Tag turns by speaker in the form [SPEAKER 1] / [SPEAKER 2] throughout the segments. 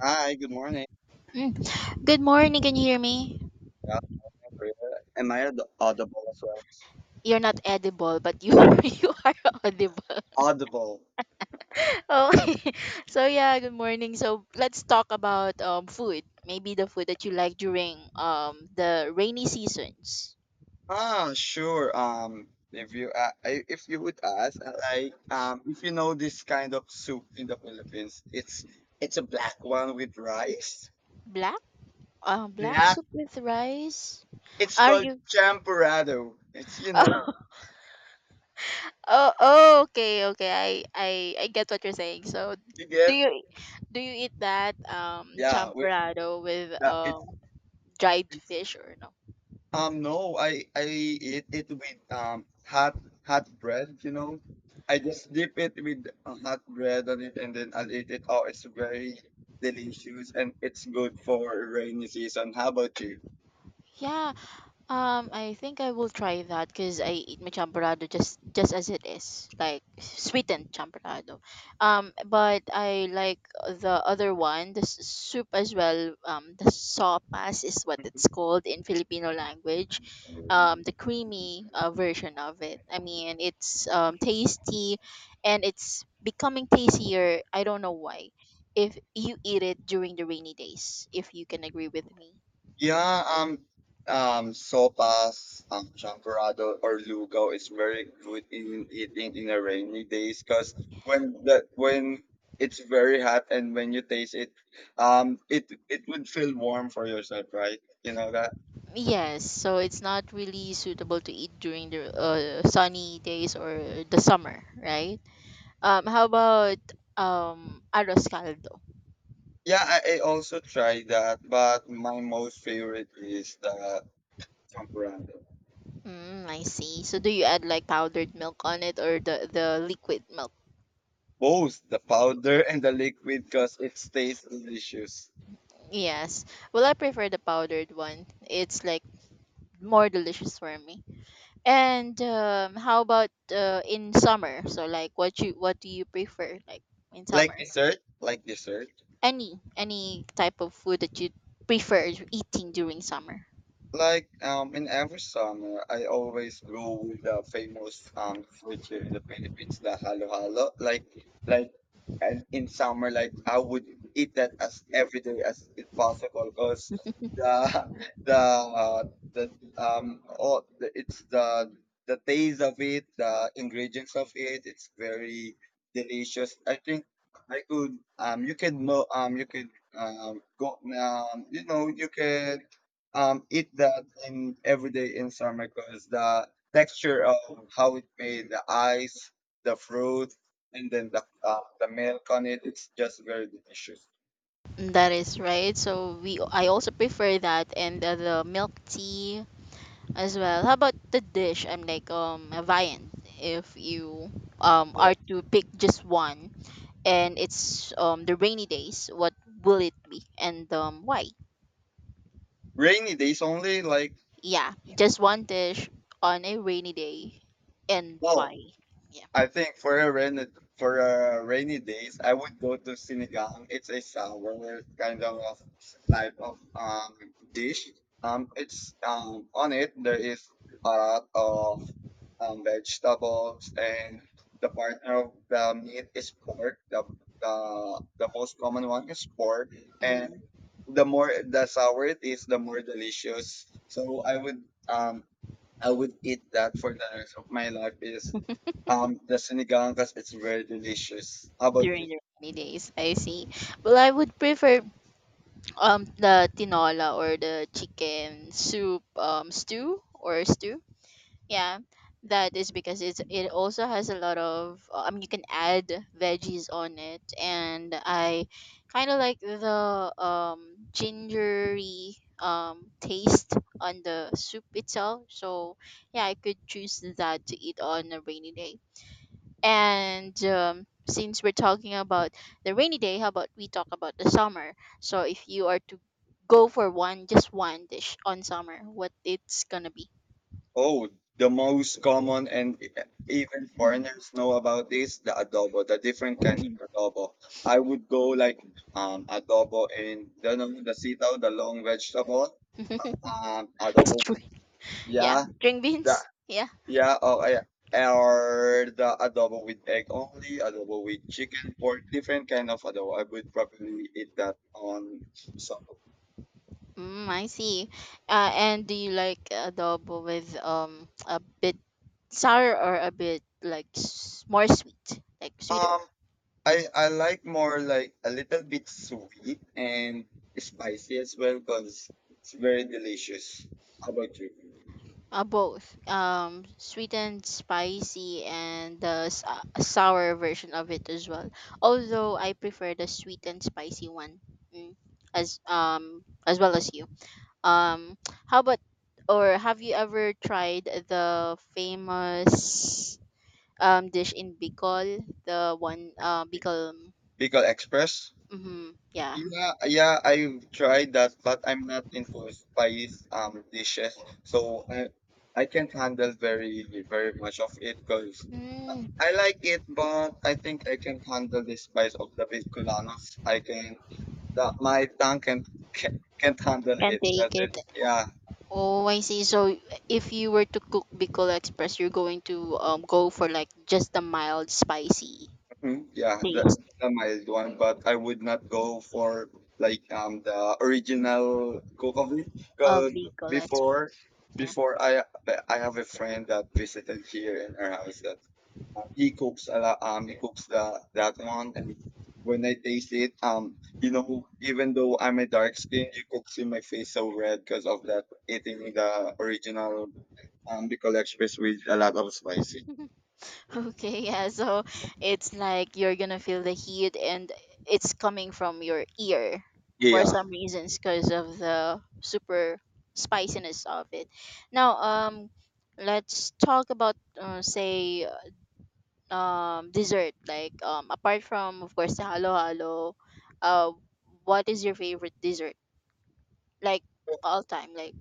[SPEAKER 1] Hi, good morning.
[SPEAKER 2] Mm. Good morning. Can you hear me?
[SPEAKER 1] Yeah, I'm Maria. Am I audible as well?
[SPEAKER 2] You're not edible, but you you are audible.
[SPEAKER 1] Audible.
[SPEAKER 2] Oh, good morning. So let's talk about food. Maybe the food that you like during the rainy seasons.
[SPEAKER 1] Ah, sure. If you if you would ask, if you know this kind of soup in the Philippines, it's a black one with rice.
[SPEAKER 2] Black black
[SPEAKER 1] Black.
[SPEAKER 2] soup with rice.
[SPEAKER 1] It's
[SPEAKER 2] Are
[SPEAKER 1] called
[SPEAKER 2] you?
[SPEAKER 1] champorado. It's you know
[SPEAKER 2] Oh, oh, oh, okay, okay. I I get what you're saying. So
[SPEAKER 1] you
[SPEAKER 2] do
[SPEAKER 1] get
[SPEAKER 2] you do you eat that
[SPEAKER 1] Yeah, with
[SPEAKER 2] champorado with
[SPEAKER 1] that. It's
[SPEAKER 2] dried fish or no?
[SPEAKER 1] No, I eat it with hot hot bread. I just dip it with hot bread on it, and then I'll eat it. Oh, it's very delicious, and it's good for rainy season. How about you?
[SPEAKER 2] Yeah. I think I will try that because I eat my champorado just as it is, like sweetened champorado. But I like the other one, the soup as well. The sopas is what it's called in Filipino language. The creamy version of it. I mean, it's tasty, and it's becoming tastier. I don't know why. If you eat it during the rainy days, if you can agree with me.
[SPEAKER 1] Yeah, um, sopas, champorado or lugaw is very good in eating in a rainy days because when it's very hot and when you taste it, it would feel warm for yourself, right? You know that.
[SPEAKER 2] Yes, so it's not really suitable to eat during the sunny days or the summer, right? How about arroz caldo?
[SPEAKER 1] Yeah, I also tried that, but my most favorite is the champurrado.
[SPEAKER 2] Mm, I see. So do you add like powdered milk on it or the liquid milk?
[SPEAKER 1] Both the powder and the liquid because it stays delicious.
[SPEAKER 2] Yes. Well, I prefer the powdered one. It's like more delicious for me. And how about in summer? So like what do you prefer like in
[SPEAKER 1] Like
[SPEAKER 2] summer?
[SPEAKER 1] dessert, like dessert.
[SPEAKER 2] Any type of food that you prefer eating during summer.
[SPEAKER 1] In every summer, I always go with the famous food here in the Philippines, the halo-halo. Like, and in summer, like I would eat that as every day as it possible, cause the the uh, the all the, it's the taste of it, the ingredients of it, it's very delicious. I think I could you can know you could go you know you can eat that in every day in summer because the texture of how it made the ice, the fruit, and then the milk on it, it's just very delicious.
[SPEAKER 2] That is right. So we I also prefer that and the milk tea as well. How about the dish? I'm like a viand if you
[SPEAKER 1] Yeah.
[SPEAKER 2] are to pick just one and it's the rainy days, what will it be and why?
[SPEAKER 1] Rainy days only, like
[SPEAKER 2] Yeah, just one dish on a rainy day and
[SPEAKER 1] no,
[SPEAKER 2] why? Yeah.
[SPEAKER 1] I think for a rainy days, I would go to sinigang. It's a sour kind of type of dish. It's on it there is a lot of vegetables, and the partner of the meat is pork. The the most common one is pork, and
[SPEAKER 2] Mm,
[SPEAKER 1] the more the sour it is, the more delicious. So I would eat that for the rest of my life. Is The sinigangas, it's very delicious. How about
[SPEAKER 2] during
[SPEAKER 1] you?
[SPEAKER 2] the rainy days, I see. Well, I would prefer the tinola or the chicken soup stew or stew. Yeah, that is because it also has a lot of I mean you can add veggies on it, and I kind of like the gingery taste on the soup itself. So yeah, I could choose that to eat on a rainy day. And since we're talking about the rainy day, how about we talk about the summer? So if you are to go for one, just one dish on summer, what it's gonna be?
[SPEAKER 1] Oh, the most common and even foreigners know about this, the adobo, the different kinds of adobo. I would go like adobo in the sitaw, the long vegetable.
[SPEAKER 2] It's
[SPEAKER 1] Adobo
[SPEAKER 2] true.
[SPEAKER 1] with
[SPEAKER 2] Yeah,
[SPEAKER 1] yeah,
[SPEAKER 2] string
[SPEAKER 1] the
[SPEAKER 2] beans. Yeah.
[SPEAKER 1] yeah, oh yeah. Or the adobo with egg only, adobo with chicken, pork, different kind of adobo. I would probably eat that on some.
[SPEAKER 2] Mm, I see. And do you like adobo with a bit sour or a bit like more sweet, like sweeter?
[SPEAKER 1] Um, I like more like a little bit sweet and spicy as well because it's very delicious. How about you?
[SPEAKER 2] Both, sweet and spicy, and the sour version of it as well. Although I prefer the sweet and spicy one, mm, as well as you. Um, how about or have you ever tried the famous dish in Bicol? The one Bicol.
[SPEAKER 1] Pickle Express?
[SPEAKER 2] Mm-hmm, yeah.
[SPEAKER 1] Yeah, yeah, I've tried that, but I'm not into spice dishes, so I can't handle very very much of it because I
[SPEAKER 2] Mm,
[SPEAKER 1] I like it, but I think I can handle the spice of the Vicolanos. I can that My tongue can't can't handle
[SPEAKER 2] can't
[SPEAKER 1] it. That's
[SPEAKER 2] take
[SPEAKER 1] it.
[SPEAKER 2] it.
[SPEAKER 1] Yeah.
[SPEAKER 2] Oh, I see. So if you were to cook Bicol Express, you're going to go for like just the mild spicy
[SPEAKER 1] Mm, yeah,
[SPEAKER 2] taste
[SPEAKER 1] the mild one, but I would not go for like the original cook of it.
[SPEAKER 2] of
[SPEAKER 1] Cause
[SPEAKER 2] Bicol
[SPEAKER 1] before
[SPEAKER 2] Express. Yeah.
[SPEAKER 1] before I have a friend that visited here in our house that he cooks a lot, he cooks the that one, and when I taste it even though I'm a dark skin, you could see my face so red because of that eating the original the collection with a lot of spicy.
[SPEAKER 2] Okay, yeah. So it's like you're gonna feel the heat and it's coming from your ear for
[SPEAKER 1] Yeah.
[SPEAKER 2] some reasons because of the super spiciness of it. Now, let's talk about say dessert like apart from of course the halo halo uh what is your favorite dessert like all time like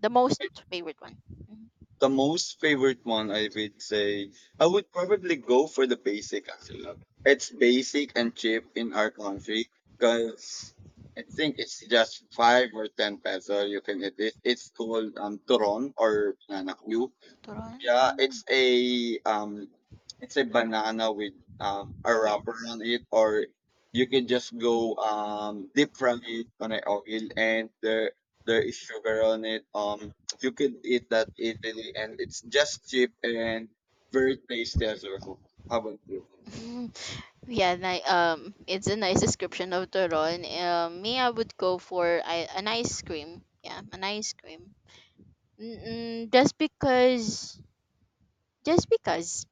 [SPEAKER 2] the most favorite one. Mhm.
[SPEAKER 1] The most favorite one, I would say, I would probably go for the basic actually. It's basic and cheap in our country because I think it's just five or ten peso you can get it. It's called turon or nanakyu.
[SPEAKER 2] Turon.
[SPEAKER 1] Yeah,
[SPEAKER 2] Mm,
[SPEAKER 1] it's a banana with a
[SPEAKER 2] yeah.
[SPEAKER 1] wrapper on it, or you can just go deep fry it on an oil, and there is sugar on it. You can eat that easily, and it's just cheap and very tasty as well. How about you?
[SPEAKER 2] Mm. Yeah, it's a nice description of turon. Me, I would go for an ice cream. Yeah, an ice cream. Mm-mm, just because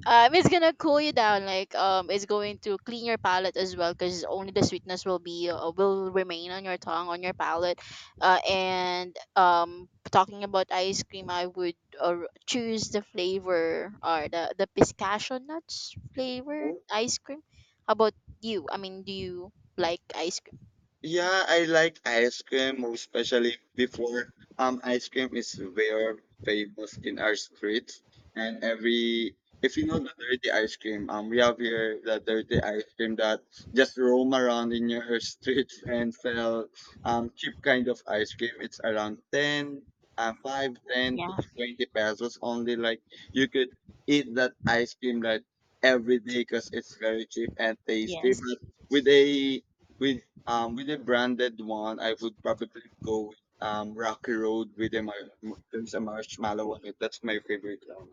[SPEAKER 2] It's gonna cool you down. Like it's going to clean your palate as well, because only the sweetness will be will remain on your tongue, on your palate. And talking about ice cream, I would choose the flavor or the pistachio nuts flavored ice cream. How about you? I mean, do you like ice cream?
[SPEAKER 1] Yeah, I like ice cream, especially before. Ice cream is very famous in our streets, and every if you know the dirty ice cream, we have here the dirty ice cream that just roam around in your streets and sell cheap kind of ice cream. It's around 10, 5, 10 to
[SPEAKER 2] Yeah.
[SPEAKER 1] 20 pesos only. Like you could eat that ice cream like every day because it's very cheap and tasty.
[SPEAKER 2] Yes.
[SPEAKER 1] But with a with with a branded one, I would probably go with Rocky Road with a there's a marshmallow on it. That's my favorite one.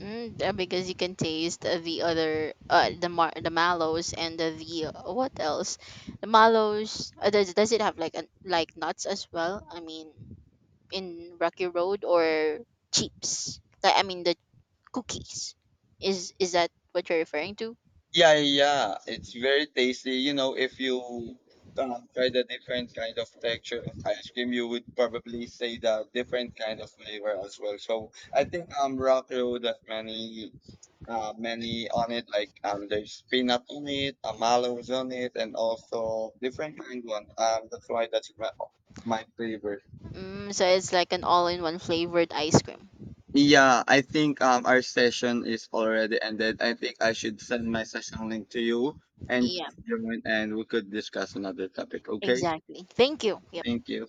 [SPEAKER 2] Mm, because you can taste the other the the mallows and the what else? The mallows does it have like an like nuts as well? I mean, in Rocky Road or chips? Like, I mean the cookies. Is that what you're referring to?
[SPEAKER 1] Yeah, yeah, it's very tasty. You know, if you try the different kind of texture of ice cream, you would probably say the different kind of flavor as well. So I think Rocky Road has many many on it, like there's peanut on it, mallows on it, and also different kind one. That's why that's my favorite.
[SPEAKER 2] Mm, so it's like an all-in-one flavored ice cream.
[SPEAKER 1] Yeah, I think our session is already ended. I think I should send my session link to you and
[SPEAKER 2] Yeah,
[SPEAKER 1] join and we could discuss another topic. Okay?
[SPEAKER 2] exactly. Thank you.
[SPEAKER 1] Thank you.